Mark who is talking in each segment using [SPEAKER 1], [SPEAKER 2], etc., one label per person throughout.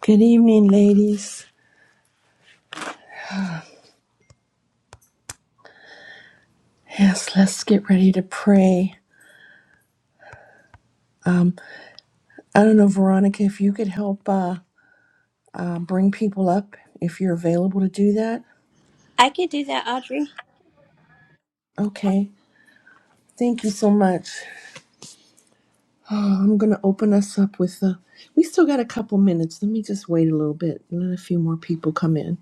[SPEAKER 1] Good evening, ladies. Yes, let's get ready to pray. I don't know, Veronica, if you could help uh, uh, bring people up if you're available to do that.
[SPEAKER 2] I could do that, Audrey.
[SPEAKER 1] Okay. Thank you so much. Oh, I'm going to open us up with uh We still got a couple minutes. Let me just wait a little bit and let a few more people come in.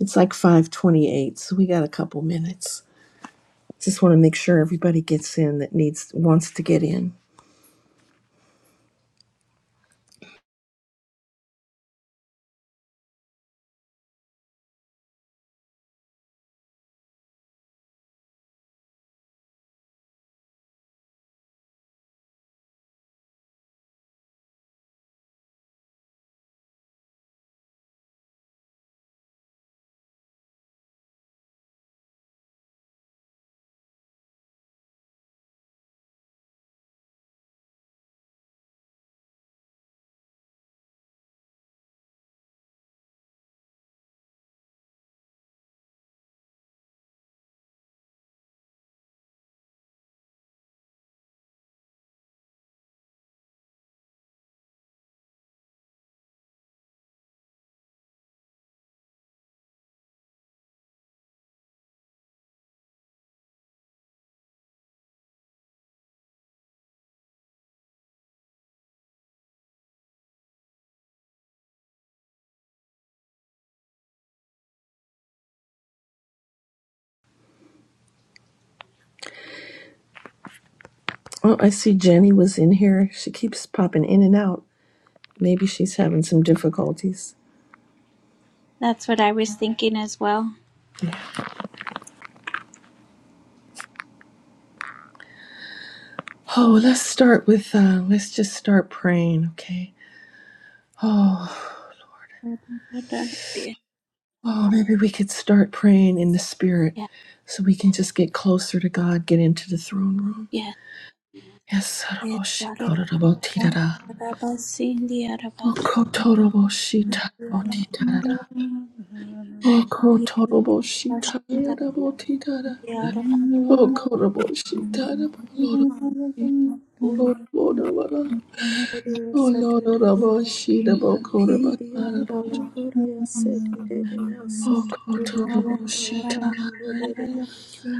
[SPEAKER 1] It's like 5:28, so we got a couple minutes. Just want to make sure everybody gets in that needs wants to get in. Oh, I see Jenny was in here. She keeps popping in and out. Maybe she's having some difficulties.
[SPEAKER 2] That's what I was thinking as well.
[SPEAKER 1] Oh, let's start with, uh, let's just start praying, okay? Oh,
[SPEAKER 2] Yeah,
[SPEAKER 1] oh, maybe we could start praying in the spirit so we can just get closer to God, get into the throne room.
[SPEAKER 2] yeah.
[SPEAKER 1] Yes, saraboshikorobotidada.
[SPEAKER 3] Hiri
[SPEAKER 1] Oh Lord, Rabo Shida Bokora Bakara
[SPEAKER 3] and
[SPEAKER 1] Bot.
[SPEAKER 3] Alahoria said it also
[SPEAKER 1] Oh
[SPEAKER 3] to the
[SPEAKER 1] Kotorabo
[SPEAKER 3] and Alahan
[SPEAKER 1] Shita.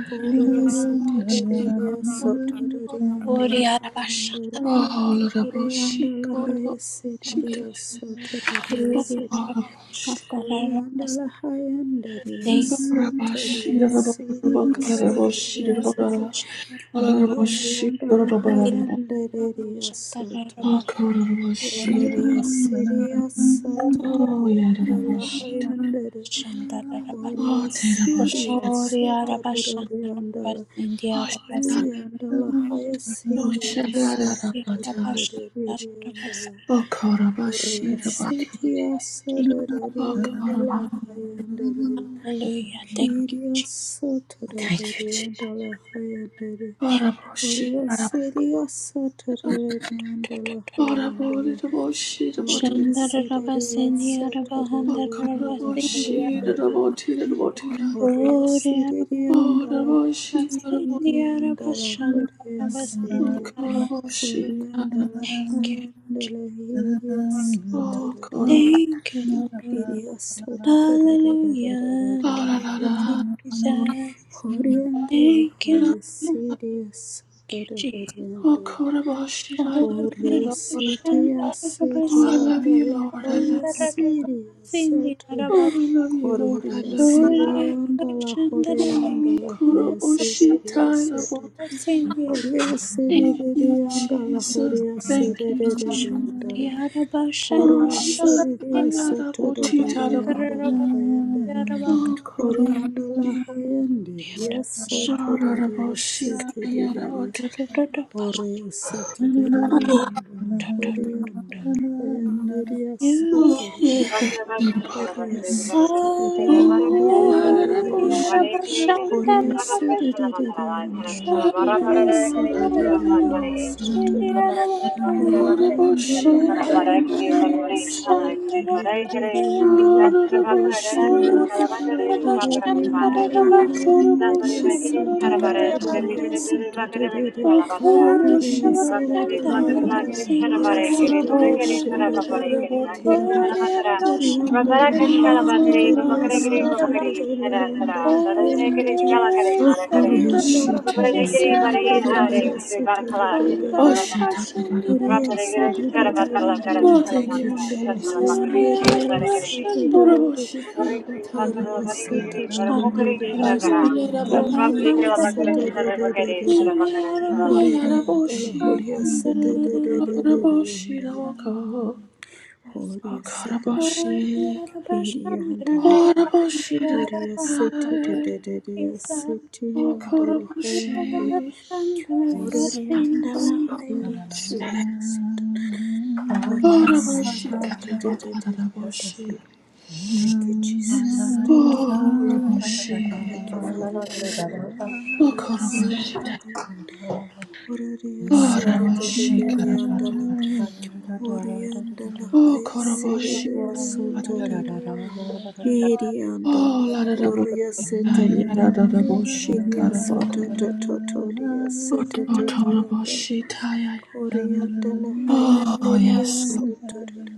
[SPEAKER 3] Horia said it so to the and Alahan
[SPEAKER 1] Oh Lord, Rabo
[SPEAKER 3] Horia and
[SPEAKER 1] Shiko
[SPEAKER 3] Alahaya said
[SPEAKER 1] Shita.
[SPEAKER 3] it also to the
[SPEAKER 1] Oh
[SPEAKER 3] said
[SPEAKER 1] Rabo Shita.
[SPEAKER 3] Horia and Alaha and that is so
[SPEAKER 1] Rabo
[SPEAKER 3] to
[SPEAKER 1] Shida
[SPEAKER 3] the
[SPEAKER 1] Rabo
[SPEAKER 3] city or
[SPEAKER 1] Bakara
[SPEAKER 3] so
[SPEAKER 1] Rabo
[SPEAKER 3] to
[SPEAKER 1] Shida
[SPEAKER 3] the said
[SPEAKER 1] Bokara. Oh Rabo
[SPEAKER 3] Horia
[SPEAKER 1] Shita
[SPEAKER 3] and Alahayan
[SPEAKER 1] Rabo
[SPEAKER 3] that is so to
[SPEAKER 1] Oh
[SPEAKER 3] the
[SPEAKER 1] Kotorabo Shida
[SPEAKER 3] Hororia
[SPEAKER 1] Rabo.
[SPEAKER 3] Syria
[SPEAKER 1] Oh
[SPEAKER 3] Satoria
[SPEAKER 1] yeah,
[SPEAKER 3] and
[SPEAKER 1] Rabo Shita.
[SPEAKER 3] Alahayander
[SPEAKER 1] Oh
[SPEAKER 3] Horia
[SPEAKER 1] Te Rabo
[SPEAKER 3] Syria
[SPEAKER 1] Shida.
[SPEAKER 2] Gloria Rabashandra
[SPEAKER 3] Sotaroria and
[SPEAKER 2] Rabasindia
[SPEAKER 1] Oh Shada.
[SPEAKER 3] Alahuria
[SPEAKER 2] Rabasindia
[SPEAKER 3] and Alahaya
[SPEAKER 1] Oh
[SPEAKER 3] Syria
[SPEAKER 1] Shada Rabo
[SPEAKER 3] Sotaroria
[SPEAKER 2] Rabashandra
[SPEAKER 3] and
[SPEAKER 2] Rabas.
[SPEAKER 3] Ala
[SPEAKER 1] Oh,
[SPEAKER 3] Horia
[SPEAKER 1] Karabashi, Rabati.
[SPEAKER 3] Syria
[SPEAKER 1] Oh,
[SPEAKER 3] Sotaroria and
[SPEAKER 1] Karabashi.
[SPEAKER 3] Alahayander
[SPEAKER 2] Hallelujah. Thank you,
[SPEAKER 3] Kiria
[SPEAKER 2] Jesus.
[SPEAKER 1] Thank you,
[SPEAKER 3] Sotaroria
[SPEAKER 1] Jesus.
[SPEAKER 3] and Alahayander
[SPEAKER 1] Karabashi,
[SPEAKER 3] Horia
[SPEAKER 1] Karabashi.
[SPEAKER 3] Syria Sotaroria and
[SPEAKER 1] Karabashi,
[SPEAKER 3] Alahayander
[SPEAKER 1] Rabashi, Rabati.
[SPEAKER 3] Gloria
[SPEAKER 2] Shandara
[SPEAKER 3] Sidereal
[SPEAKER 2] Rabasindia
[SPEAKER 1] Oh,
[SPEAKER 2] Rabahandra
[SPEAKER 3] Sotoriandala
[SPEAKER 2] Rabasindia.
[SPEAKER 1] Karabashi,
[SPEAKER 3] Hayandere
[SPEAKER 1] Rabati, Rabati.
[SPEAKER 3] Gloria
[SPEAKER 2] Gloria
[SPEAKER 1] Oh,
[SPEAKER 3] Sidereandala
[SPEAKER 1] Rabashi, Karabashi.
[SPEAKER 2] Rabasindia
[SPEAKER 3] Hiriandala
[SPEAKER 2] Rabashandra
[SPEAKER 3] Gloria
[SPEAKER 1] Oh,
[SPEAKER 2] Rabasindia
[SPEAKER 3] Sidi
[SPEAKER 2] Rabas.
[SPEAKER 1] Karabashi, Karabashi.
[SPEAKER 3] Gloriandala
[SPEAKER 2] Thank you, Jesus.
[SPEAKER 3] Hayandala Hiria
[SPEAKER 1] Oh,
[SPEAKER 3] Sotoriandala
[SPEAKER 1] Karabashi.
[SPEAKER 2] Thank you, Lord.
[SPEAKER 3] Hiria
[SPEAKER 2] Hallelujah.
[SPEAKER 1] Ah, la, la,
[SPEAKER 3] Sotoriandala
[SPEAKER 2] Thank you,
[SPEAKER 1] la, la, la, la.
[SPEAKER 2] Jesus.
[SPEAKER 4] Thank you.
[SPEAKER 3] Gloriandala
[SPEAKER 2] Thank you,
[SPEAKER 3] Haya
[SPEAKER 2] Lord. Thank
[SPEAKER 3] Sidi
[SPEAKER 2] you, Jesus.
[SPEAKER 1] Oh,
[SPEAKER 3] Sotoriandala
[SPEAKER 1] Karabashi, I love you,
[SPEAKER 2] Hallelujah.
[SPEAKER 3] Holy
[SPEAKER 1] Lord.
[SPEAKER 3] city, a
[SPEAKER 1] Oh,
[SPEAKER 3] city
[SPEAKER 1] I
[SPEAKER 3] on
[SPEAKER 1] love you,
[SPEAKER 3] the
[SPEAKER 1] Lord. I love
[SPEAKER 3] highest
[SPEAKER 1] you, Lord.
[SPEAKER 3] city, a soto.
[SPEAKER 1] Lord, I love you, Lord. I
[SPEAKER 3] Holy a
[SPEAKER 1] love you, Lord.
[SPEAKER 3] city on the la holy on the
[SPEAKER 1] Oh,
[SPEAKER 3] la highest city,
[SPEAKER 1] Koroboshita
[SPEAKER 3] a soto.
[SPEAKER 1] Raboti.
[SPEAKER 3] Holy a city
[SPEAKER 1] Thank
[SPEAKER 3] on
[SPEAKER 1] you,
[SPEAKER 3] the la
[SPEAKER 1] Jesus.
[SPEAKER 3] holy a
[SPEAKER 1] Thank
[SPEAKER 3] city
[SPEAKER 1] you, Jesus.
[SPEAKER 3] on the la. Holy
[SPEAKER 1] Oh,
[SPEAKER 3] a city a
[SPEAKER 1] Shakaya
[SPEAKER 3] soto on
[SPEAKER 1] Raboti Tarabo.
[SPEAKER 3] the la high and the.
[SPEAKER 1] Oh,
[SPEAKER 3] Holy
[SPEAKER 1] Koroboshi.
[SPEAKER 3] on the la high and the, soto a
[SPEAKER 1] Koroboshikaya
[SPEAKER 3] city.
[SPEAKER 1] Raboti.
[SPEAKER 3] Ore sitiririandala, horiandala, hayandiria
[SPEAKER 1] Oh,
[SPEAKER 3] sotoro,
[SPEAKER 5] Thank
[SPEAKER 1] yeah.
[SPEAKER 3] horia
[SPEAKER 1] Oh,
[SPEAKER 3] sitiriririririririri,
[SPEAKER 1] Alaraboshi
[SPEAKER 3] horia
[SPEAKER 1] Taraboti.
[SPEAKER 3] sitiririandala,
[SPEAKER 2] Oh,
[SPEAKER 3] horia
[SPEAKER 1] Hallelujah, Lord. I love you,
[SPEAKER 3] sitiririria
[SPEAKER 1] Lord.
[SPEAKER 3] sotoro, hororiandala,
[SPEAKER 1] Koroboshi
[SPEAKER 3] hayandiria
[SPEAKER 1] Raboti.
[SPEAKER 3] sotororororiandala, horia
[SPEAKER 1] Koroboshi
[SPEAKER 3] siri.
[SPEAKER 1] Raboti Kara.
[SPEAKER 3] Oreri
[SPEAKER 5] you.
[SPEAKER 3] andala
[SPEAKER 5] Na
[SPEAKER 1] Oh,
[SPEAKER 3] hayanderi
[SPEAKER 5] far-e
[SPEAKER 1] shut
[SPEAKER 5] giri
[SPEAKER 3] asoto
[SPEAKER 5] shara baray,
[SPEAKER 3] dororori
[SPEAKER 5] veli ke de dar-e
[SPEAKER 3] asoto
[SPEAKER 5] bagheri gaki
[SPEAKER 3] dorori.
[SPEAKER 5] shala bataray.
[SPEAKER 3] Hore
[SPEAKER 5] Bagheri
[SPEAKER 3] asereri
[SPEAKER 5] bikhla kar la
[SPEAKER 3] andala
[SPEAKER 5] giri shara
[SPEAKER 3] hore
[SPEAKER 5] baray giri, bade
[SPEAKER 3] asereri
[SPEAKER 5] giri shara bataray
[SPEAKER 3] dororori
[SPEAKER 5] giri. La giri
[SPEAKER 3] andala.
[SPEAKER 5] shala batara,
[SPEAKER 3] Hore
[SPEAKER 5] rab
[SPEAKER 3] andala
[SPEAKER 5] barak shala bataray,
[SPEAKER 3] hayanderi
[SPEAKER 5] bapakari giri,
[SPEAKER 3] asoto
[SPEAKER 5] bapakari shara
[SPEAKER 3] dorori andala
[SPEAKER 5] taray. Dar-e din-e giri
[SPEAKER 3] hayanderi.
[SPEAKER 5] shala karay, barakaray.
[SPEAKER 3] Hore
[SPEAKER 2] Sandra,
[SPEAKER 3] andala
[SPEAKER 5] Bubare giri
[SPEAKER 3] hayaseri
[SPEAKER 5] bari
[SPEAKER 3] dorori
[SPEAKER 5] haare,
[SPEAKER 2] Sandra,
[SPEAKER 5] bubar
[SPEAKER 3] asoto
[SPEAKER 5] khala
[SPEAKER 2] Good
[SPEAKER 5] gaki shala
[SPEAKER 3] dorori.
[SPEAKER 5] bataray.
[SPEAKER 1] up.
[SPEAKER 3] Hore
[SPEAKER 5] Rab pare giri
[SPEAKER 3] asereri
[SPEAKER 5] shara batar la kar
[SPEAKER 3] andala
[SPEAKER 1] Oh,
[SPEAKER 5] shala
[SPEAKER 3] hore
[SPEAKER 1] thank you,
[SPEAKER 5] makaray,
[SPEAKER 3] andala
[SPEAKER 5] shala
[SPEAKER 1] Jesus.
[SPEAKER 5] makaray
[SPEAKER 1] Thank
[SPEAKER 3] hayanderi
[SPEAKER 1] you.
[SPEAKER 5] shara pare giri.
[SPEAKER 3] asoto
[SPEAKER 5] I'll
[SPEAKER 3] dorori.
[SPEAKER 1] Oraboshi
[SPEAKER 5] pray.
[SPEAKER 3] Horia
[SPEAKER 1] karabotaraboti.
[SPEAKER 3] sete de de de de de de de andala
[SPEAKER 1] Ayaraboshi.
[SPEAKER 3] horia sete de de de de de horia de andala
[SPEAKER 1] Ayaraboshi.
[SPEAKER 3] horia sete de de de de de
[SPEAKER 1] Oraboshi
[SPEAKER 3] andala
[SPEAKER 1] rawaka.
[SPEAKER 3] horia sete de
[SPEAKER 1] Akaraboshi.
[SPEAKER 3] horia andala
[SPEAKER 1] Audible sheet of
[SPEAKER 3] horia sete de
[SPEAKER 1] night.
[SPEAKER 3] de de de sete
[SPEAKER 1] Oh,
[SPEAKER 3] andala
[SPEAKER 1] Audible
[SPEAKER 3] horia
[SPEAKER 1] sheet.
[SPEAKER 6] Yes,
[SPEAKER 3] horia
[SPEAKER 1] Oh,
[SPEAKER 3] andala
[SPEAKER 6] Jesus,
[SPEAKER 1] Audible
[SPEAKER 3] horia sete
[SPEAKER 1] Oh,
[SPEAKER 3] horia
[SPEAKER 1] Audible
[SPEAKER 3] sete
[SPEAKER 1] sheet.
[SPEAKER 3] de de de de de
[SPEAKER 1] Audible
[SPEAKER 3] de
[SPEAKER 1] sheet.
[SPEAKER 3] Thank you, Jesus.
[SPEAKER 4] Hallelujah.
[SPEAKER 3] Thank you,
[SPEAKER 1] Oh,
[SPEAKER 3] Lord.
[SPEAKER 1] Audible sheet.
[SPEAKER 3] Thank you, Father God.
[SPEAKER 1] Oh,
[SPEAKER 3] Oriya
[SPEAKER 1] Audible
[SPEAKER 3] sete
[SPEAKER 1] sheet.
[SPEAKER 3] tete, Oriya sete
[SPEAKER 1] Audible
[SPEAKER 3] tete
[SPEAKER 1] sheet.
[SPEAKER 3] tete andala, Oriya andala
[SPEAKER 1] Oh,
[SPEAKER 3] haya
[SPEAKER 1] Audible
[SPEAKER 3] sete
[SPEAKER 1] sheet.
[SPEAKER 3] tete soto tete,
[SPEAKER 6] Jesus.
[SPEAKER 3] Kiri andala,
[SPEAKER 1] Oh, Audible sheet. Yeah, Audible sheet. Audible. Oh, Audible
[SPEAKER 3] Oriya sete tete, Kiri soto toto Oriya sete tete andala,
[SPEAKER 1] sheet. Yeah.
[SPEAKER 3] Oriya andala haya
[SPEAKER 1] Oh,
[SPEAKER 3] Oriya
[SPEAKER 1] yes, Lord.
[SPEAKER 3] soto tete,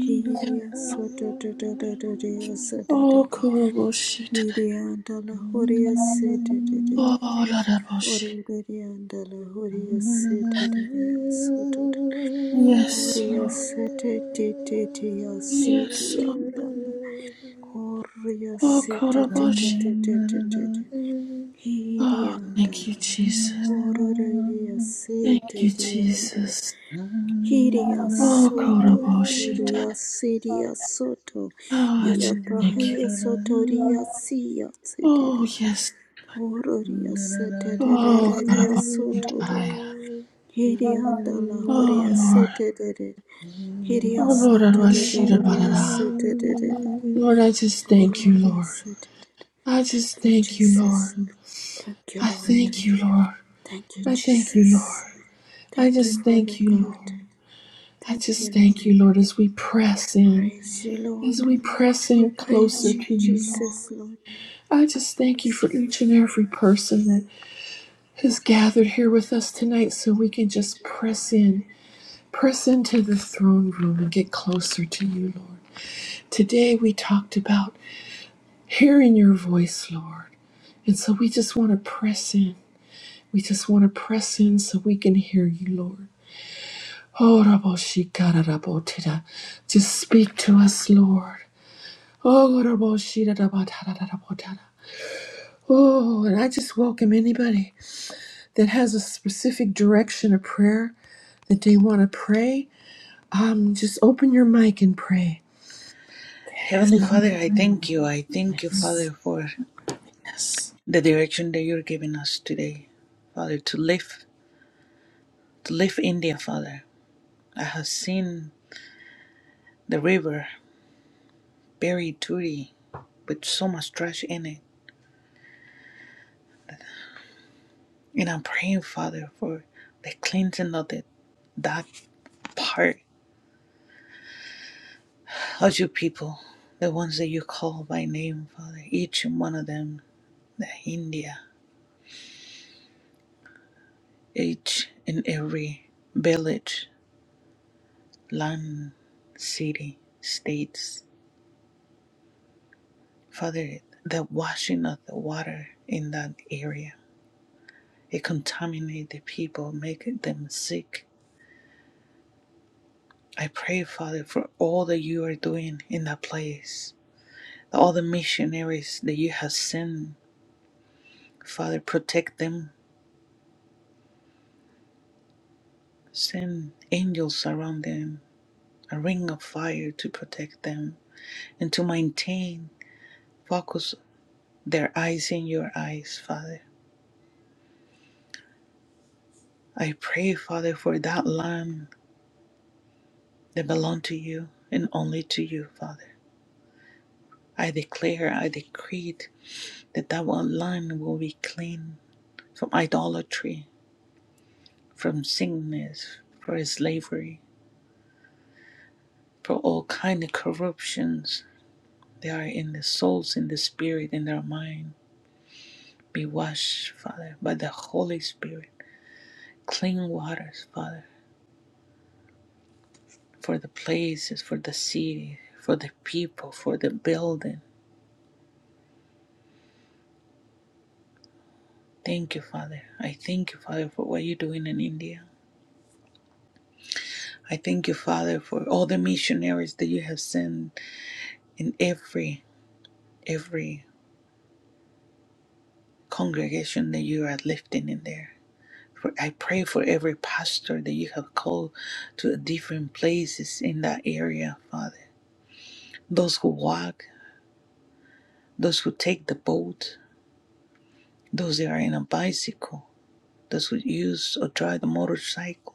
[SPEAKER 3] Kiri soto toto Oriya sete
[SPEAKER 1] Oh,
[SPEAKER 3] tete,
[SPEAKER 1] Audible sheet.
[SPEAKER 3] Kiri andala Oriya sete tete.
[SPEAKER 1] Oh, Ladaboshi.
[SPEAKER 3] Orenderiandala
[SPEAKER 4] Thank
[SPEAKER 3] Horia Sete Daya Sotot
[SPEAKER 1] Yes,
[SPEAKER 3] Horia
[SPEAKER 1] Lord.
[SPEAKER 3] Sete Tetia Siti
[SPEAKER 1] Yes, Lord.
[SPEAKER 3] Andala Horia
[SPEAKER 1] Oh,
[SPEAKER 3] Sete
[SPEAKER 1] Kodaboshi. Oh, thank you,
[SPEAKER 3] Hiriandala
[SPEAKER 1] Jesus.
[SPEAKER 3] Horia
[SPEAKER 1] Thank you,
[SPEAKER 3] Sete Andala
[SPEAKER 1] Jesus.
[SPEAKER 3] Hiria
[SPEAKER 1] Oh,
[SPEAKER 3] Soto
[SPEAKER 1] Kodaboshi.
[SPEAKER 3] Tiria Siria Soto
[SPEAKER 1] Oh, I just thank you.
[SPEAKER 3] Iatahia Sotoria Sia Sete
[SPEAKER 1] Oh, yes.
[SPEAKER 3] Horia
[SPEAKER 1] Oh,
[SPEAKER 3] Sete
[SPEAKER 1] Kodaboshi.
[SPEAKER 3] Soto Hiri anda la hori
[SPEAKER 1] Oh, Lord.
[SPEAKER 3] asete dere. Hiri
[SPEAKER 1] Oh, Lord,
[SPEAKER 3] asoto
[SPEAKER 1] Adaboshi.
[SPEAKER 3] dorori
[SPEAKER 1] Dadabadada.
[SPEAKER 3] asete dere.
[SPEAKER 1] Lord, I just thank
[SPEAKER 3] Hori
[SPEAKER 1] you,
[SPEAKER 4] you.
[SPEAKER 1] Lord.
[SPEAKER 3] asete dere.
[SPEAKER 1] I just
[SPEAKER 3] Thank you,
[SPEAKER 1] thank you,
[SPEAKER 3] Jesus.
[SPEAKER 1] Lord.
[SPEAKER 3] Thank you,
[SPEAKER 1] I
[SPEAKER 3] Lord.
[SPEAKER 1] thank you, Lord.
[SPEAKER 3] Thank you,
[SPEAKER 1] I thank you,
[SPEAKER 3] Jesus.
[SPEAKER 1] Lord. I
[SPEAKER 3] Thank you,
[SPEAKER 1] just
[SPEAKER 3] Father
[SPEAKER 1] thank you, Lord.
[SPEAKER 3] God.
[SPEAKER 1] I
[SPEAKER 3] Thank
[SPEAKER 1] just
[SPEAKER 3] you,
[SPEAKER 1] thank
[SPEAKER 3] Lord.
[SPEAKER 1] you, Lord, as we press in,
[SPEAKER 3] Praise you,
[SPEAKER 1] as
[SPEAKER 3] Lord.
[SPEAKER 1] we press
[SPEAKER 3] We
[SPEAKER 1] in closer
[SPEAKER 3] praise you,
[SPEAKER 1] to you, Lord.
[SPEAKER 3] Jesus, Lord.
[SPEAKER 1] I just thank you for each and every person that has gathered here with us tonight so we can just press in, press into the throne room and get closer to you, Lord. Today we talked about hearing your voice, Lord. And so we just want to press in. We just want to press in so we can hear you, Lord. Oh, Rabbo Shikara Rabbo Tida. Just speak to us, Lord. Oh, Oh, and I just welcome anybody that has a specific direction of prayer that they want to pray. Um, just open your mic and pray. Yes,
[SPEAKER 4] Heavenly Father, I thank you. I thank you, Father,
[SPEAKER 1] yes,
[SPEAKER 4] for the direction that you're giving us today. Father, to live, to live India, Father. I have seen the river very dirty with so much trash in it. And I'm praying, Father, for the cleansing of the, that part of your people, the ones that you call by name, Father, each and one of them, the India, each and every village, land, city, states. Father, the washing of the water in that area, it contaminates the people, making them sick. I pray, Father, for all that you are doing in that place, all the missionaries that you have sent. Father, protect them. Send angels around them, a ring of fire to protect them and to maintain, focus their eyes in your eyes, Father. I pray, Father, for that land that belongs to you and only to you, Father. I declare, I decree that our land will be clean from idolatry, from sickness, for slavery, for all kind of corruptions that are in the souls, in the spirit, in their mind. Be washed, Father, by the Holy Spirit. Clean waters, Father, for the places, for the city, for the people, for the building. Thank you, Father. I thank you, Father, for what you're doing in India. I thank you, Father, for all the missionaries that you have sent in every every congregation that you are lifting in there. For I pray for every pastor that you have called to different places in that area, Father. Those who walk, those who take the boat, those that are in a bicycle, those who use or drive the motorcycle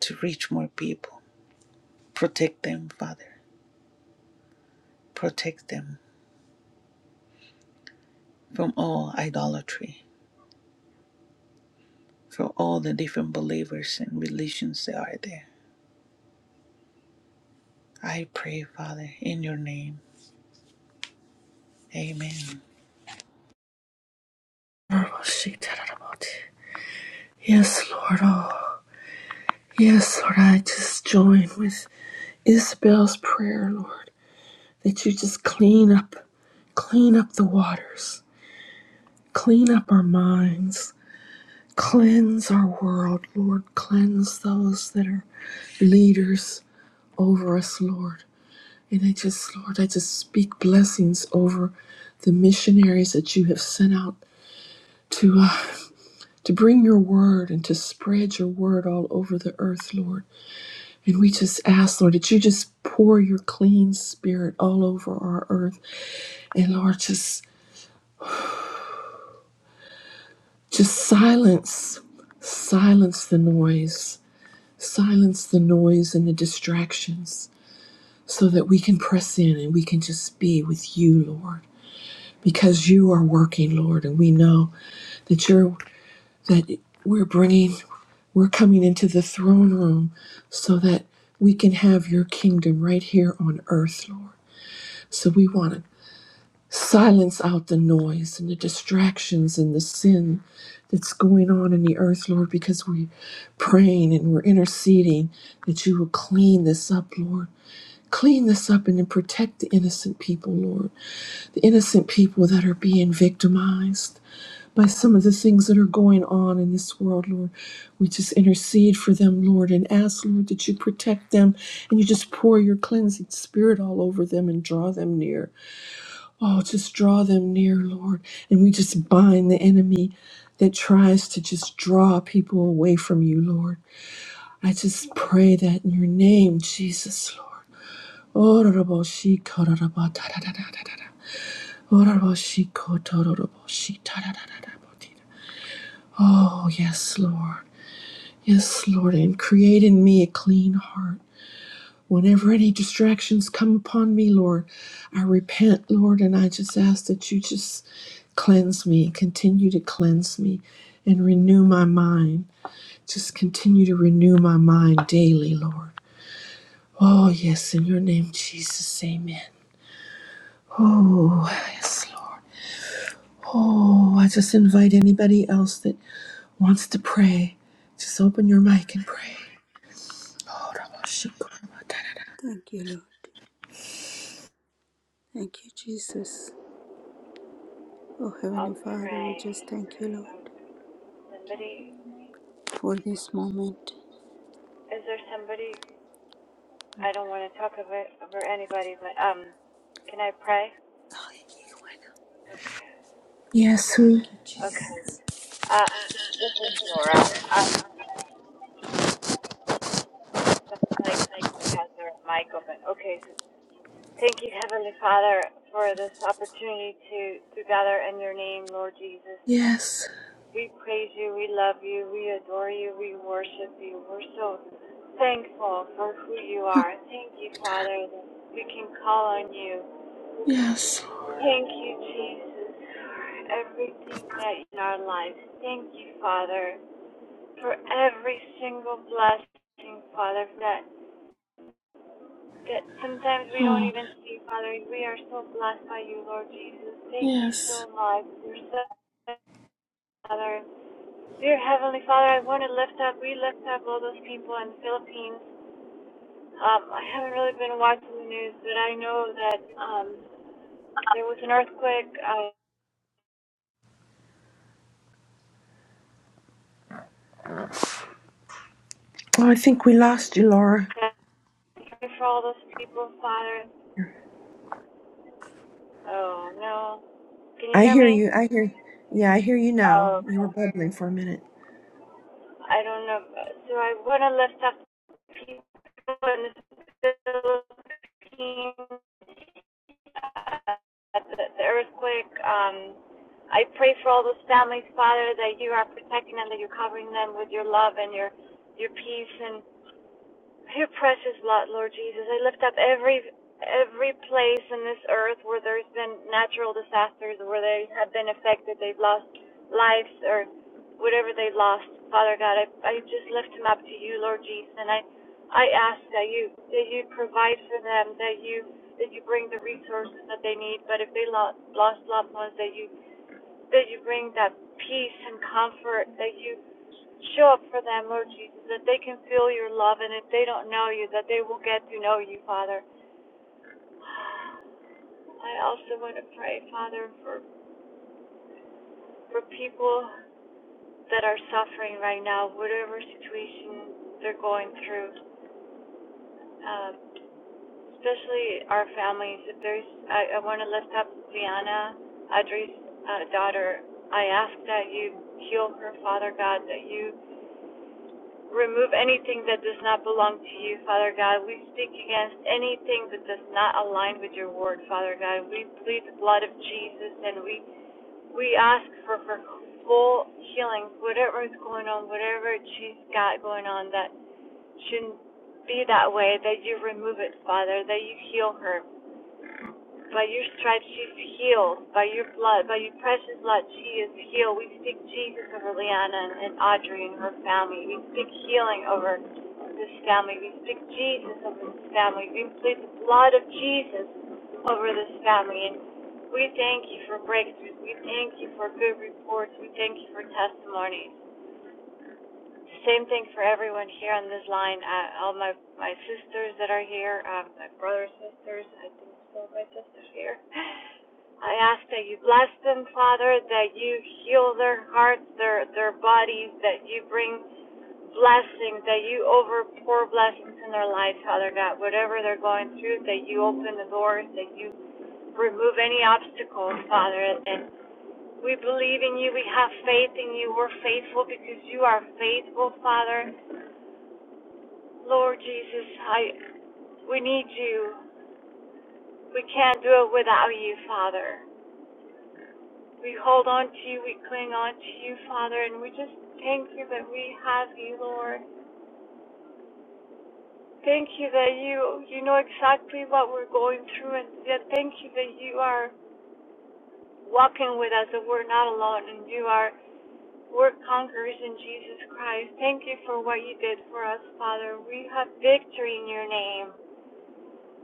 [SPEAKER 4] to reach more people. Protect them, Father. Protect them from all idolatry, from all the different believers and religions that are there. I pray, Father, in your name Amen.
[SPEAKER 1] yes. Yes, Lord. Oh, yes, Lord. I just join with Isabel's prayer, Lord, that you just clean up, clean up the waters, clean up our minds, Cleanse our world, Lord. Cleanse those that are leaders over us, Lord. And I just, Lord, I just speak blessings over the missionaries that you have sent out to uh, to bring your word and to spread your word all over the earth, Lord. And we just ask, Lord, that you just pour your clean spirit all over our earth, and Lord, just just silence, silence the noise, silence the noise and the distractions so that we can press in and we can just be with you, Lord, because you are working, Lord, and we know that you're that we're bringing we're coming into the throne room so that we can have your kingdom right here on earth, Lord. So we want to silence out the noise and the distractions and the sin that's going on in the earth, Lord, because we're praying and we're interceding that you will clean this up, Lord Clean this up and then protect the innocent people, Lord. The innocent people that are being victimized by some of the things that are going on in this world, Lord. We just intercede for them, Lord, and ask, Lord, that you protect them and you just pour your cleansing spirit all over them and draw them near. Oh, just draw them near, Lord. And we just bind the enemy that tries to just draw people away from you, Lord. I just pray that in your name, Jesus, Lord. Ororoboshi kororobo tararararara. Ororoboshi kotororoboshi tararararabotira. Oh, yes, Lord. Yes, Lord. And create in me a clean heart. Whenever any distractions come upon me, Lord, I repent, Lord, and I just ask that you just cleanse me, continue to cleanse me, and renew my mind. Just continue to renew my mind daily, Lord. Oh, yes, in your name, Jesus. Amen. Oh, yes, Lord. Oh, I just invite anybody else that wants to pray. Just open your mic and pray.
[SPEAKER 3] Thank you, Lord. Thank you, Jesus. Oh,
[SPEAKER 5] Um,
[SPEAKER 3] Heavenly Father, we just thank you, Lord,
[SPEAKER 5] Somebody,
[SPEAKER 3] for this moment.
[SPEAKER 5] is there somebody? I don't want to talk over over anybody, but um, can I pray? Okay.
[SPEAKER 1] Yes,
[SPEAKER 3] Thank
[SPEAKER 1] who?
[SPEAKER 3] you,
[SPEAKER 5] Okay.
[SPEAKER 3] Jesus.
[SPEAKER 5] Uh, this is Laura. Um, like somebody has their mic open. Okay. So thank you, Heavenly Father, for this opportunity to to gather in Your name, Lord Jesus.
[SPEAKER 1] Yes,
[SPEAKER 5] We praise you, we love you, we adore you, we worship you. We're so thankful for who you are. Thank you, Father, that we can call on you.
[SPEAKER 1] yes.
[SPEAKER 5] Thank you, Jesus, for everything that in our lives. Thank you, Father, for every single blessing, Father, that that sometimes we don't
[SPEAKER 1] Oh,
[SPEAKER 5] even see, Father. We are so blessed by you, Lord Jesus. Thank you
[SPEAKER 1] yes.
[SPEAKER 5] so much. You're so, Father. Dear Heavenly Father, I want to lift up, we lift up all those people in the Philippines. Um, I haven't really been watching the news, but I know that um, there was an earthquake. I
[SPEAKER 1] Oh, I think we lost you, Laura.
[SPEAKER 5] pray for all those people, Father. Oh, no. Can you
[SPEAKER 1] I
[SPEAKER 5] hear
[SPEAKER 1] hear
[SPEAKER 5] me?
[SPEAKER 1] you. I hear. Yeah, I hear you now.
[SPEAKER 5] Oh,
[SPEAKER 1] You were
[SPEAKER 5] okay.
[SPEAKER 1] bubbling for a minute.
[SPEAKER 5] I don't know. So I want to lift up people in the Philippines the, the earthquake. Um, I pray for all those families, Father, that you are protecting them, that you're covering them with your love and your your peace and your precious blood, Lord Jesus. I lift up every every place in this earth where there's been natural disasters, where they have been affected, they've lost lives or whatever they've lost. Father God, I, I just lift them up to you, Lord Jesus, and I I ask that you that you provide for them, that you that you bring the resources that they need. But if they lost lost loved ones, that you that you bring that peace and comfort, that you Show up for them, Lord Jesus, that they can feel your love, and if they don't know you, that they will get to know you, Father. I also want to pray, Father, for, for people that are suffering right now, whatever situation they're going through, um, especially our families. If there's, I, I want to lift up Diana, Audrey's uh, daughter. I ask that you heal her, Father God, that you Remove anything that does not belong to you, Father God. We speak against anything that does not align with your word, Father God. We plead the blood of Jesus and we we ask for, for full healing, whatever is going on, whatever she's got going on that shouldn't be that way, that you remove it, Father, that you heal her. By your stripes she's healed. By your blood, by your precious blood, she is healed. We speak Jesus over Liana and, Audrey and her family. We speak healing over this family. We speak Jesus over this family. We plead the blood of Jesus over this family. And we thank you for breakthroughs. We thank you for good reports. We thank you for testimonies. Same thing for everyone here on this line. Uh, all my my sisters that are here, um, my brothers, sisters. I think it's all my sisters here. I ask that you bless them, Father, that you heal their hearts, their, their bodies, that you bring blessings, that you overpour blessings in their lives, Father God. Whatever they're going through, that you open the doors, that you remove any obstacles, Father. And we believe in you. We have faith in you. We're faithful because you are faithful, Father. Lord Jesus, I we need you. We can't do it without you, Father. We hold on to you, we cling on to you, Father, and we just thank you that we have you, Lord. Thank you that you you know exactly what we're going through, and yet thank you that you are walking with us, that we're not alone, and you are we're conquerors in Jesus Christ. Thank you for what you did for us, Father. We have victory in your name.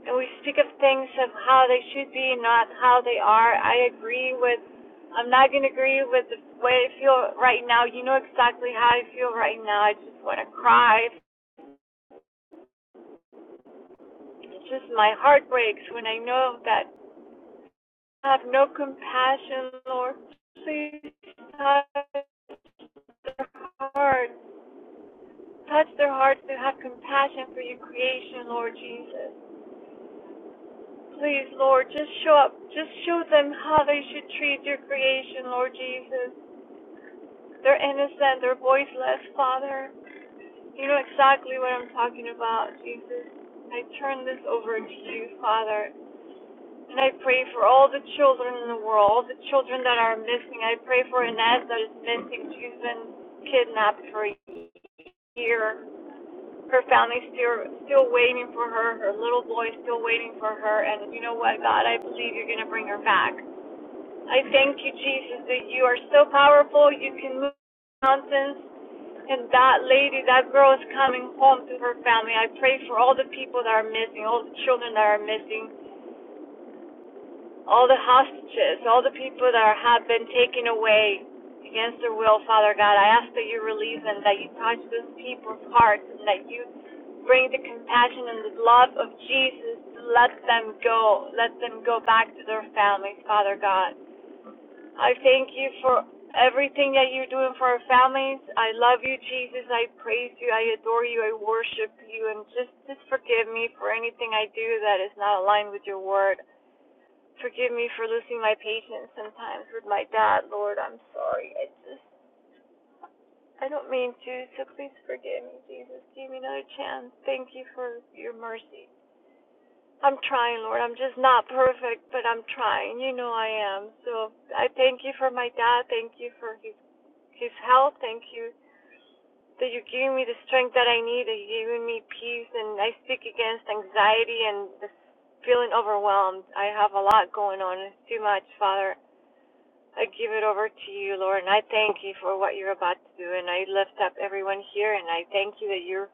[SPEAKER 5] And we speak of things of how they should be, not how they are. I agree with. I'm not gonna agree with the way I feel right now. You know exactly how I feel right now. I just want to cry. It's just my heart breaks when I know that I have no compassion, Lord. Please touch their hearts. Touch their hearts to have compassion for your creation, Lord Jesus. Please, Lord, just show up. Just show them how they should treat your creation, Lord Jesus. They're innocent, they're voiceless, Father. You know exactly what I'm talking about, Jesus. I turn this over to you, Father. And I pray for all the children in the world, all the children that are missing. I pray for Inez that is missing. She's been kidnapped for a year. Her family's still still waiting for her. Her little boy is still waiting for her. And you know what, God, I believe you're gonna bring her back. I thank you, Jesus, that you are so powerful. You can move mountains. And that lady, that girl is coming home to her family. I pray for all the people that are missing, all the children that are missing, all the hostages, all the people that are, have been taken away against their will, Father God. I ask that you relieve them, that you touch those people's hearts, and that you bring the compassion and the love of Jesus to let them go, let them go back to their families, Father God. I thank you for everything that you're doing for our families. I love you, Jesus. I praise you. I adore you. I worship you. And just, just forgive me for anything I do that is not aligned with your word. Forgive me for losing my patience sometimes with my dad, Lord. I'm sorry. I just, I don't mean to, so please forgive me, Jesus. Give me another chance. Thank you for your mercy. I'm trying, Lord. I'm just not perfect, but I'm trying. You know I am. So I thank you for my dad. Thank you for his His help. Thank you that you're giving me the strength that I need. That you're giving me peace, and I speak against anxiety and this feeling overwhelmed. I have a lot going on. It's too much, Father. I give it over to you, Lord, and I thank you for what you're about to do. And I lift up everyone here, and I thank you that you're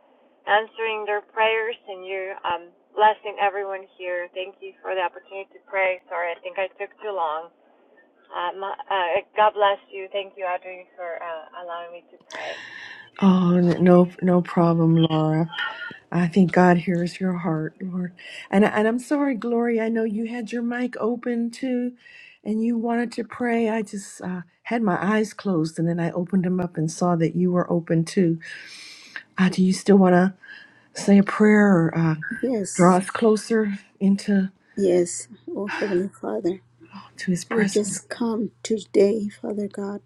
[SPEAKER 5] answering their prayers and you're um, blessing everyone here. Thank you for the opportunity to pray. Sorry, I think I took too long. Um, uh, God bless you. Thank you, Audrey, for uh, allowing me to pray.
[SPEAKER 1] Oh, n- no, no problem, Laura. I think God hears your heart, Lord. And, and I'm sorry, Gloria. I know you had your mic open too, and you wanted to pray. I just uh, had my eyes closed, and then I opened them up and saw that you were open too. Uh, do you still want to say a prayer or uh, draw
[SPEAKER 3] Yes,
[SPEAKER 1] us closer into
[SPEAKER 3] yes, oh Heavenly Father,
[SPEAKER 1] to His
[SPEAKER 3] we
[SPEAKER 1] presence?
[SPEAKER 3] just come today, Father God,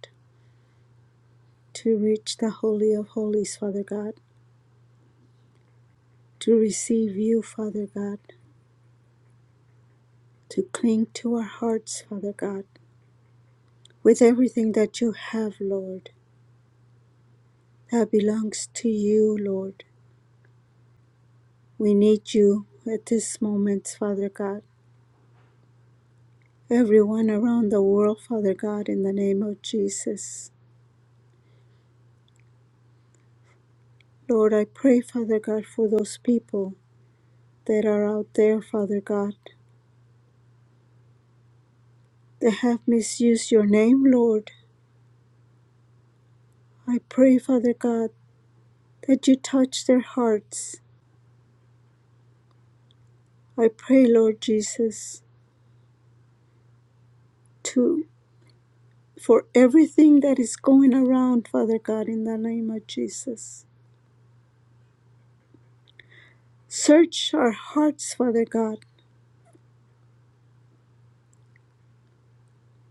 [SPEAKER 3] to reach the Holy of Holies, Father God, to receive you, Father God, to cling to our hearts, Father God, with everything that you have, Lord, that belongs to you, Lord. We need you at this moment, Father God. Everyone around the world, Father God, in the name of Jesus. Lord, I pray, Father God, for those people that are out there, Father God, that have misused your name, Lord. I pray, Father God, that you touch their hearts. I pray, Lord Jesus, to for everything that is going around, Father God, in the name of Jesus. Search our hearts, Father God.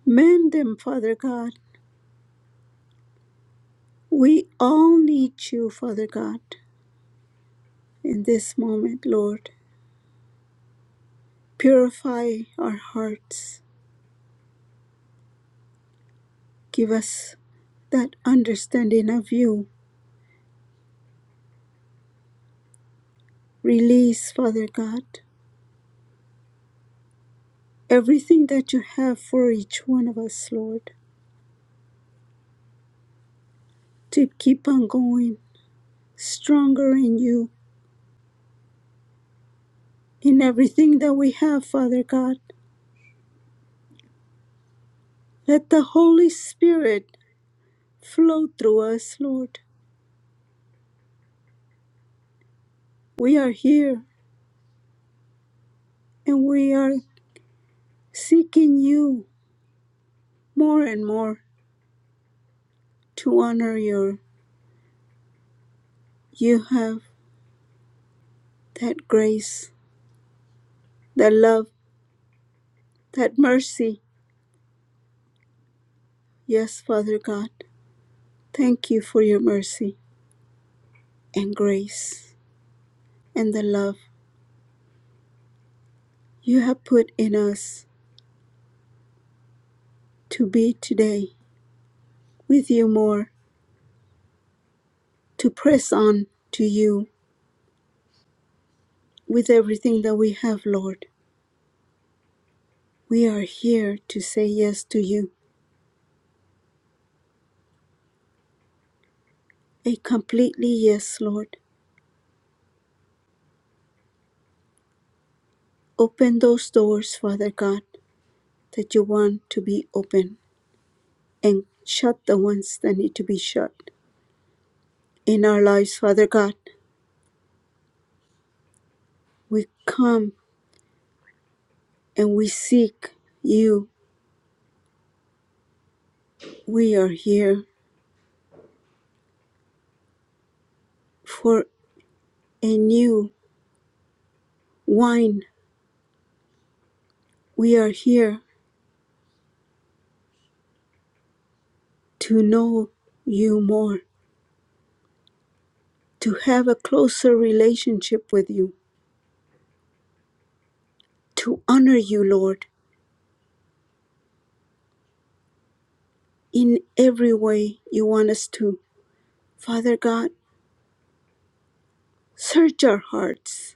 [SPEAKER 3] Mend them, Father God. We all need you, Father God, in this moment, Lord. Purify our hearts. Give us that understanding of you Release, Father God, everything that you have for each one of us, Lord, to keep on going stronger in you, in everything that we have, Father God. Let the Holy Spirit flow through us, Lord. We are here and we are seeking you more and more to honor your. You have that grace, that love, that mercy. Yes, Father God, thank you for your mercy and grace. and the love you have put in us to be today with you more, to press on to you with everything that we have, Lord. We are here to say yes to you, a completely yes, Lord. Open those doors, Father God, that you want to be open, and shut the ones that need to be shut. In our lives, Father God, we come and we seek you. We are here for a new wine We are here to know you more, to have a closer relationship with you, to honor you, Lord, in every way you want us to. Father God, search our hearts,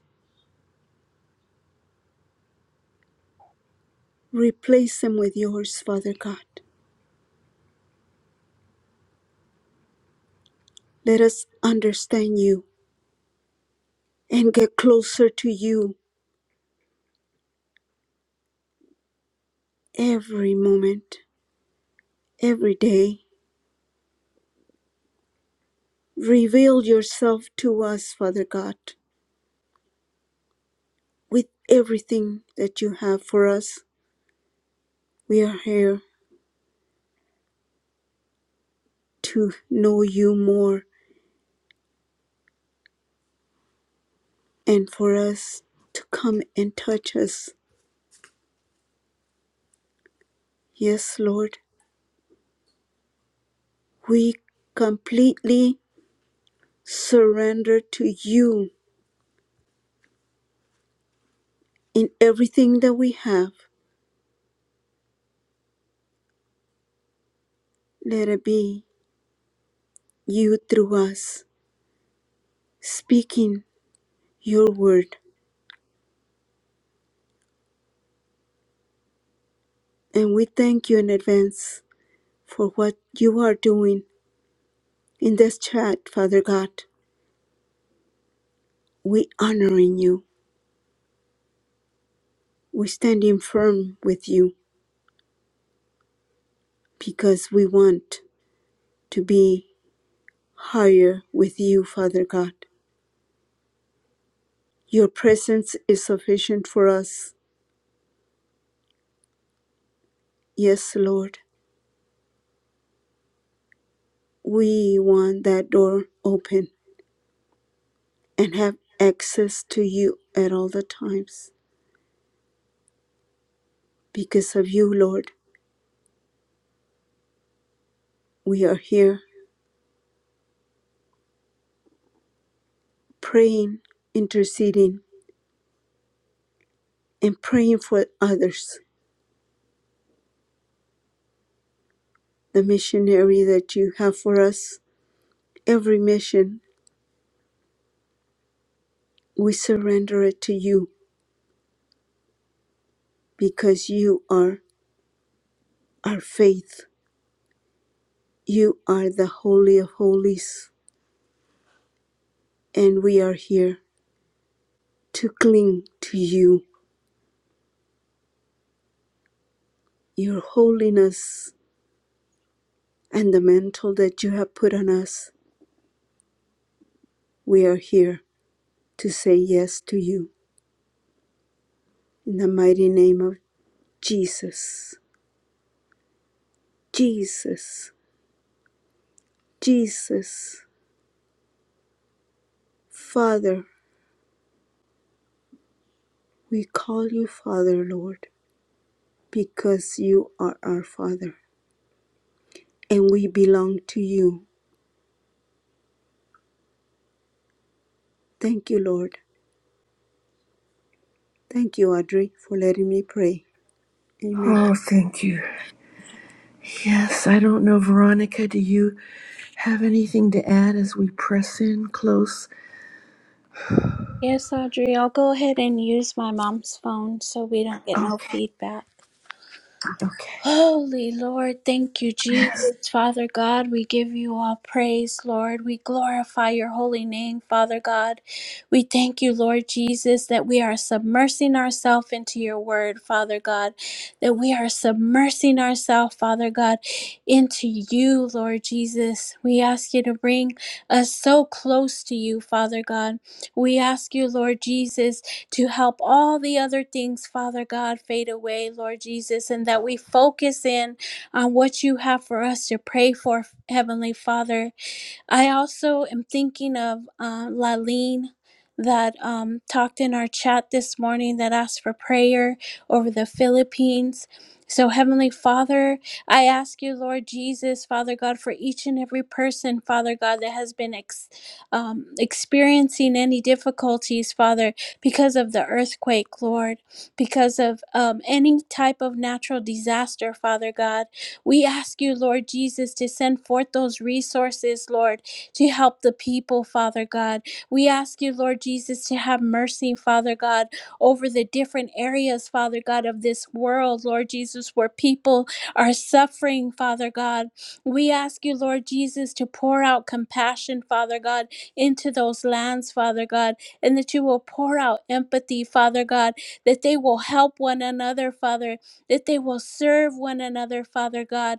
[SPEAKER 3] replace them with yours, Father God. Let us understand you and get closer to you every moment, every day. Reveal yourself to us, Father God, with everything that you have for us. We are here to know you more and for us to come and touch us. Yes, Lord, we completely surrender to you in everything that we have. Let it be you through us speaking your word. And we thank you in advance for what you are doing in this chat, Father God. We honoring you. We standing firm with you because we want to be higher with you, Father God. Your presence is sufficient for us. Yes, Lord. We want that door open and have access to you at all the times. Because of you, Lord, we are here praying, interceding, and praying for others. The missionary that you have for us, every mission, we surrender it to you because you are our faith. You are the Holy of Holies. and we are here to cling to you, your holiness, and the mantle that you have put on us. We are here to say yes to you in the mighty name of Jesus. Jesus, Jesus, Father, we call you Father, Lord, because you are our Father and we belong to you. Thank you, Lord. Thank you, Audrey, for letting me pray. Amen.
[SPEAKER 1] Oh, thank you. Yes, I don't know, Veronica. Do you have anything to add as we press in close?
[SPEAKER 3] Yes, Audrey, I'll go ahead and use my mom's phone so we don't get no
[SPEAKER 1] Okay,
[SPEAKER 3] feedback.
[SPEAKER 1] okay.
[SPEAKER 3] Holy Lord, thank you,
[SPEAKER 1] Yes.
[SPEAKER 3] Jesus. Father God, we give you all praise, Lord. We glorify your holy name, Father God. We thank you, Lord Jesus, that we are submersing ourselves into your word, Father God. That we are submersing ourselves, Father God, into you, Lord Jesus. We ask you to bring us so close to you, Father God. We ask you, Lord Jesus, to help all the other things, Father God, fade away, Lord Jesus, and that we focus in on what you have for us to pray for, Heavenly Father. I also am thinking of uh, Laleen that um, talked in our chat this morning that asked for prayer over the Philippines. So, Heavenly Father, I ask you, Lord Jesus, Father God, for each and every person, Father God, that has been ex- um, experiencing any difficulties, Father, because of the earthquake, Lord, because of um, any type of natural disaster, Father God. We ask you, Lord Jesus, to send forth those resources, Lord, to help the people, Father God. We ask you, Lord Jesus, to have mercy, Father God, over the different areas, Father God, of this world, Lord Jesus, where people are suffering, Father God. We ask you, Lord Jesus, to pour out compassion, Father God, into those lands, Father God, and that you will pour out empathy, Father God, that they will help one another, Father that they will serve one another, Father God,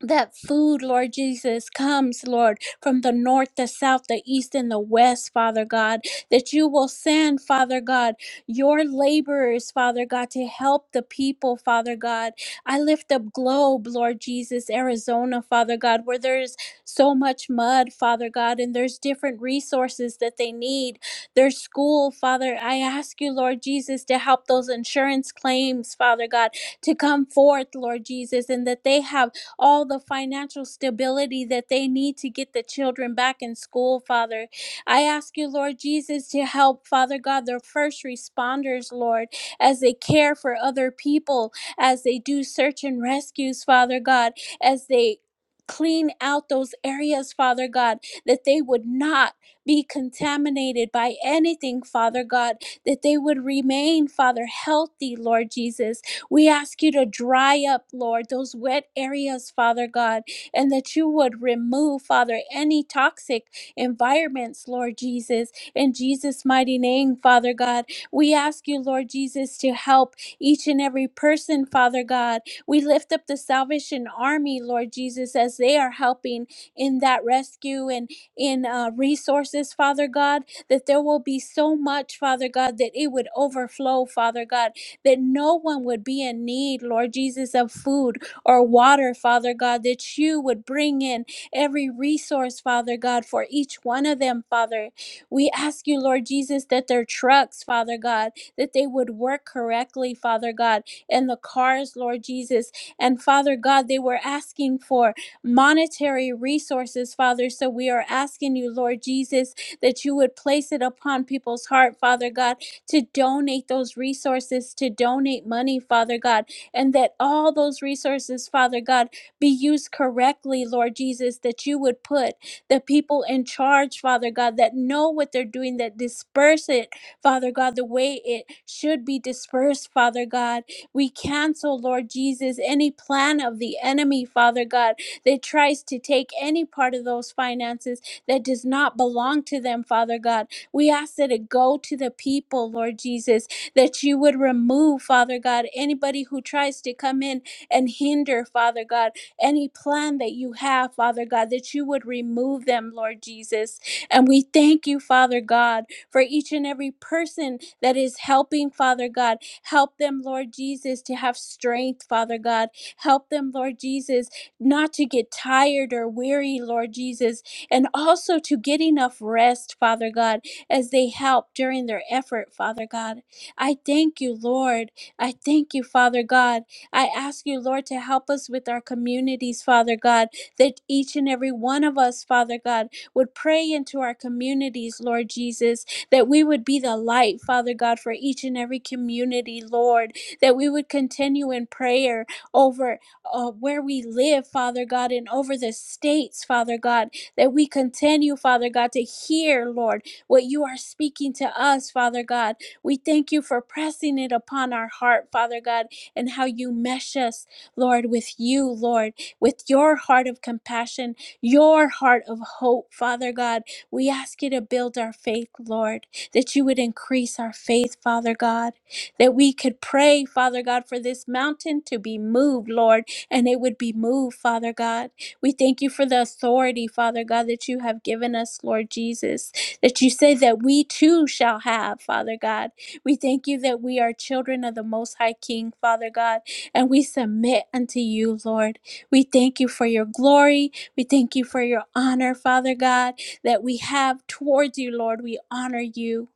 [SPEAKER 3] that food, Lord Jesus, comes, Lord, from the north, the south, the east, and the west, Father God. That you will send, Father God, your laborers, Father God, to help the people, Father God. I lift up Globe, Lord Jesus, Arizona, Father God, where there's so much mud, Father God, and there's different resources that they need. Their school, Father, I ask you, Lord Jesus, to help those insurance claims, Father God, to come forth, Lord Jesus, and that they have all the financial stability that they need to get the children back in school, Father. I ask you, Lord Jesus, to help, Father God, the first responders, Lord, as they care for other people, as they do search and rescues, Father God, as they clean out those areas, Father God, that they would not be contaminated by anything, Father God, that they would remain, Father, healthy, Lord Jesus, we ask you to dry up, Lord, those wet areas, Father God, and that you would remove, Father, any toxic environments, Lord Jesus. In Jesus' mighty name, Father God, we ask you, Lord Jesus, to help each and every person, Father God. We lift up the Salvation Army, Lord Jesus, as they are helping in that rescue and in uh, resources, Father God, that there will be so much, Father God, that it would overflow, Father God that no one would be in need, Lord Jesus, of food or water, Father God, that you would bring in every resource, Father God, for each one of them, Father. We ask you, Lord Jesus, that their trucks, Father God, that they would work correctly, Father God, and the cars, Lord Jesus. And Father God, they were asking for monetary resources, Father. So we are asking you, Lord Jesus, that you would place it upon people's heart, Father God to donate those resources, to donate money, Father God, and that all those resources, Father God, be used correctly, Lord Jesus, that you would put the people in charge, Father God, that know what they're doing, that disperse it, Father God, the way it should be dispersed, Father God. We cancel, Lord Jesus, any plan of the enemy, Father God, that tries to take any part of those finances that does not belong to them, Father God. We ask that it go to the people, Lord Jesus, that you would remove, Father God, anybody who tries to come in and hinder, Father God, any plan that you have, Father God, that you would remove them, Lord Jesus. And we thank you, Father God, for each and every person that is helping, Father God. Help them, Lord Jesus, to have strength, Father God. Help them, Lord Jesus, not to get tired or weary, Lord Jesus, and also to get enough rest, Father God as they help during their effort, Father God. I thank you, Lord. I thank you, Father God. I ask you, Lord, to help us with our communities, Father God, that each and every one of us, Father God, would pray into our communities, Lord Jesus, that we would be the light, Father God, for each and every community, Lord, that we would continue in prayer over uh, where we live, Father God, and over the states, Father God, that we continue, Father God, to hear, Lord what you are speaking to us, Father God. We thank you for pressing it upon our heart, Father God, and how you mesh us, Lord, with you, Lord, with your heart of compassion, your heart of hope, Father God. We ask you to build our faith, Lord, that you would increase our faith, Father God, that we could pray, Father God, for this mountain to be moved, Lord, and it would be moved, Father God. We thank you for the authority, Father God, that you have given us, Lord Jesus that you say that we too shall have, Father God. We thank you that we are children of the Most High King, Father God, and we submit unto you, Lord. We thank you for your glory. We thank you for your honor, Father God, that we have towards you, Lord. We honor you.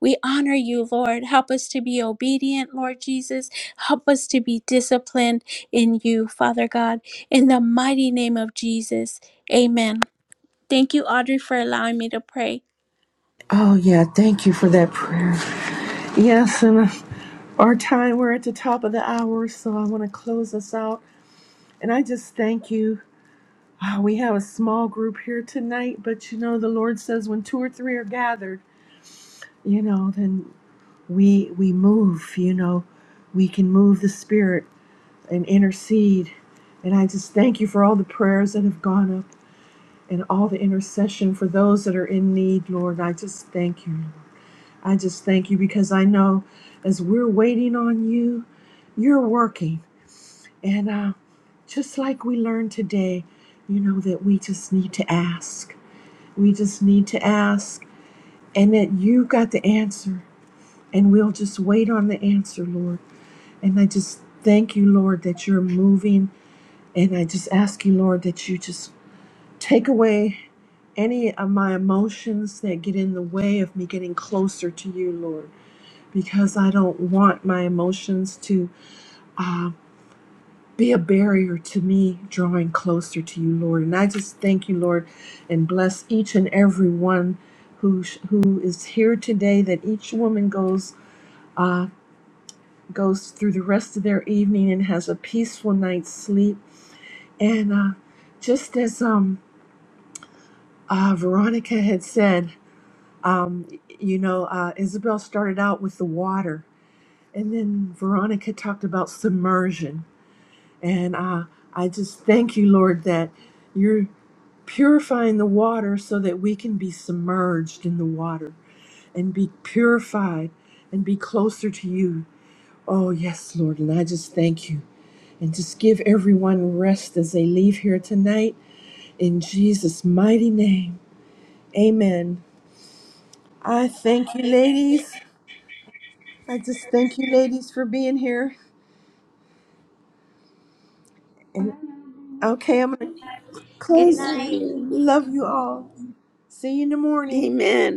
[SPEAKER 3] We honor you, Lord. Help us to be obedient, Lord Jesus. Help us to be disciplined in you, Father God. In the mighty name of Jesus, amen. Thank you, Audrey, for allowing me to pray.
[SPEAKER 1] Oh, yeah. Thank you for that prayer. Yes, and uh, our time, we're at the top of the hour, so I want to close us out. And I just thank you. Ah, we have a small group here tonight, but you know, the Lord says when two or three are gathered, you know, then we we move, you know, we can move the spirit and intercede. And I just thank you for all the prayers that have gone up and all the intercession for those that are in need, Lord. I just thank you. I just thank you because I know as we're waiting on you, you're working. And uh, just like we learned today, you know, that we just need to ask. We just need to ask, and that you got the answer. And we'll just wait on the answer, Lord. And I just thank you, Lord, that you're moving. And I just ask you, Lord, that you just take away any of my emotions that get in the way of me getting closer to you, Lord. because I don't want my emotions to uh, be a barrier to me drawing closer to you, Lord. And I just thank you, Lord, and bless each and every one who sh- who is here today. That each woman goes uh, goes through the rest of their evening and has a peaceful night's sleep. And uh, just as um, uh, Veronica had said, um, you know, uh, Isabel started out with the water, and then Veronica talked about submersion And uh, I just thank you, Lord, that you're purifying the water so that we can be submerged in the water and be purified and be closer to you. Oh, yes, Lord. And I just thank you. And just give everyone rest as they leave here tonight in Jesus' mighty name. Amen. I thank you, ladies. I just thank you, ladies, for being here. And okay, I'm going to close.
[SPEAKER 2] night.
[SPEAKER 3] Amen.
[SPEAKER 1] Love you all. See you in the morning.
[SPEAKER 3] Amen.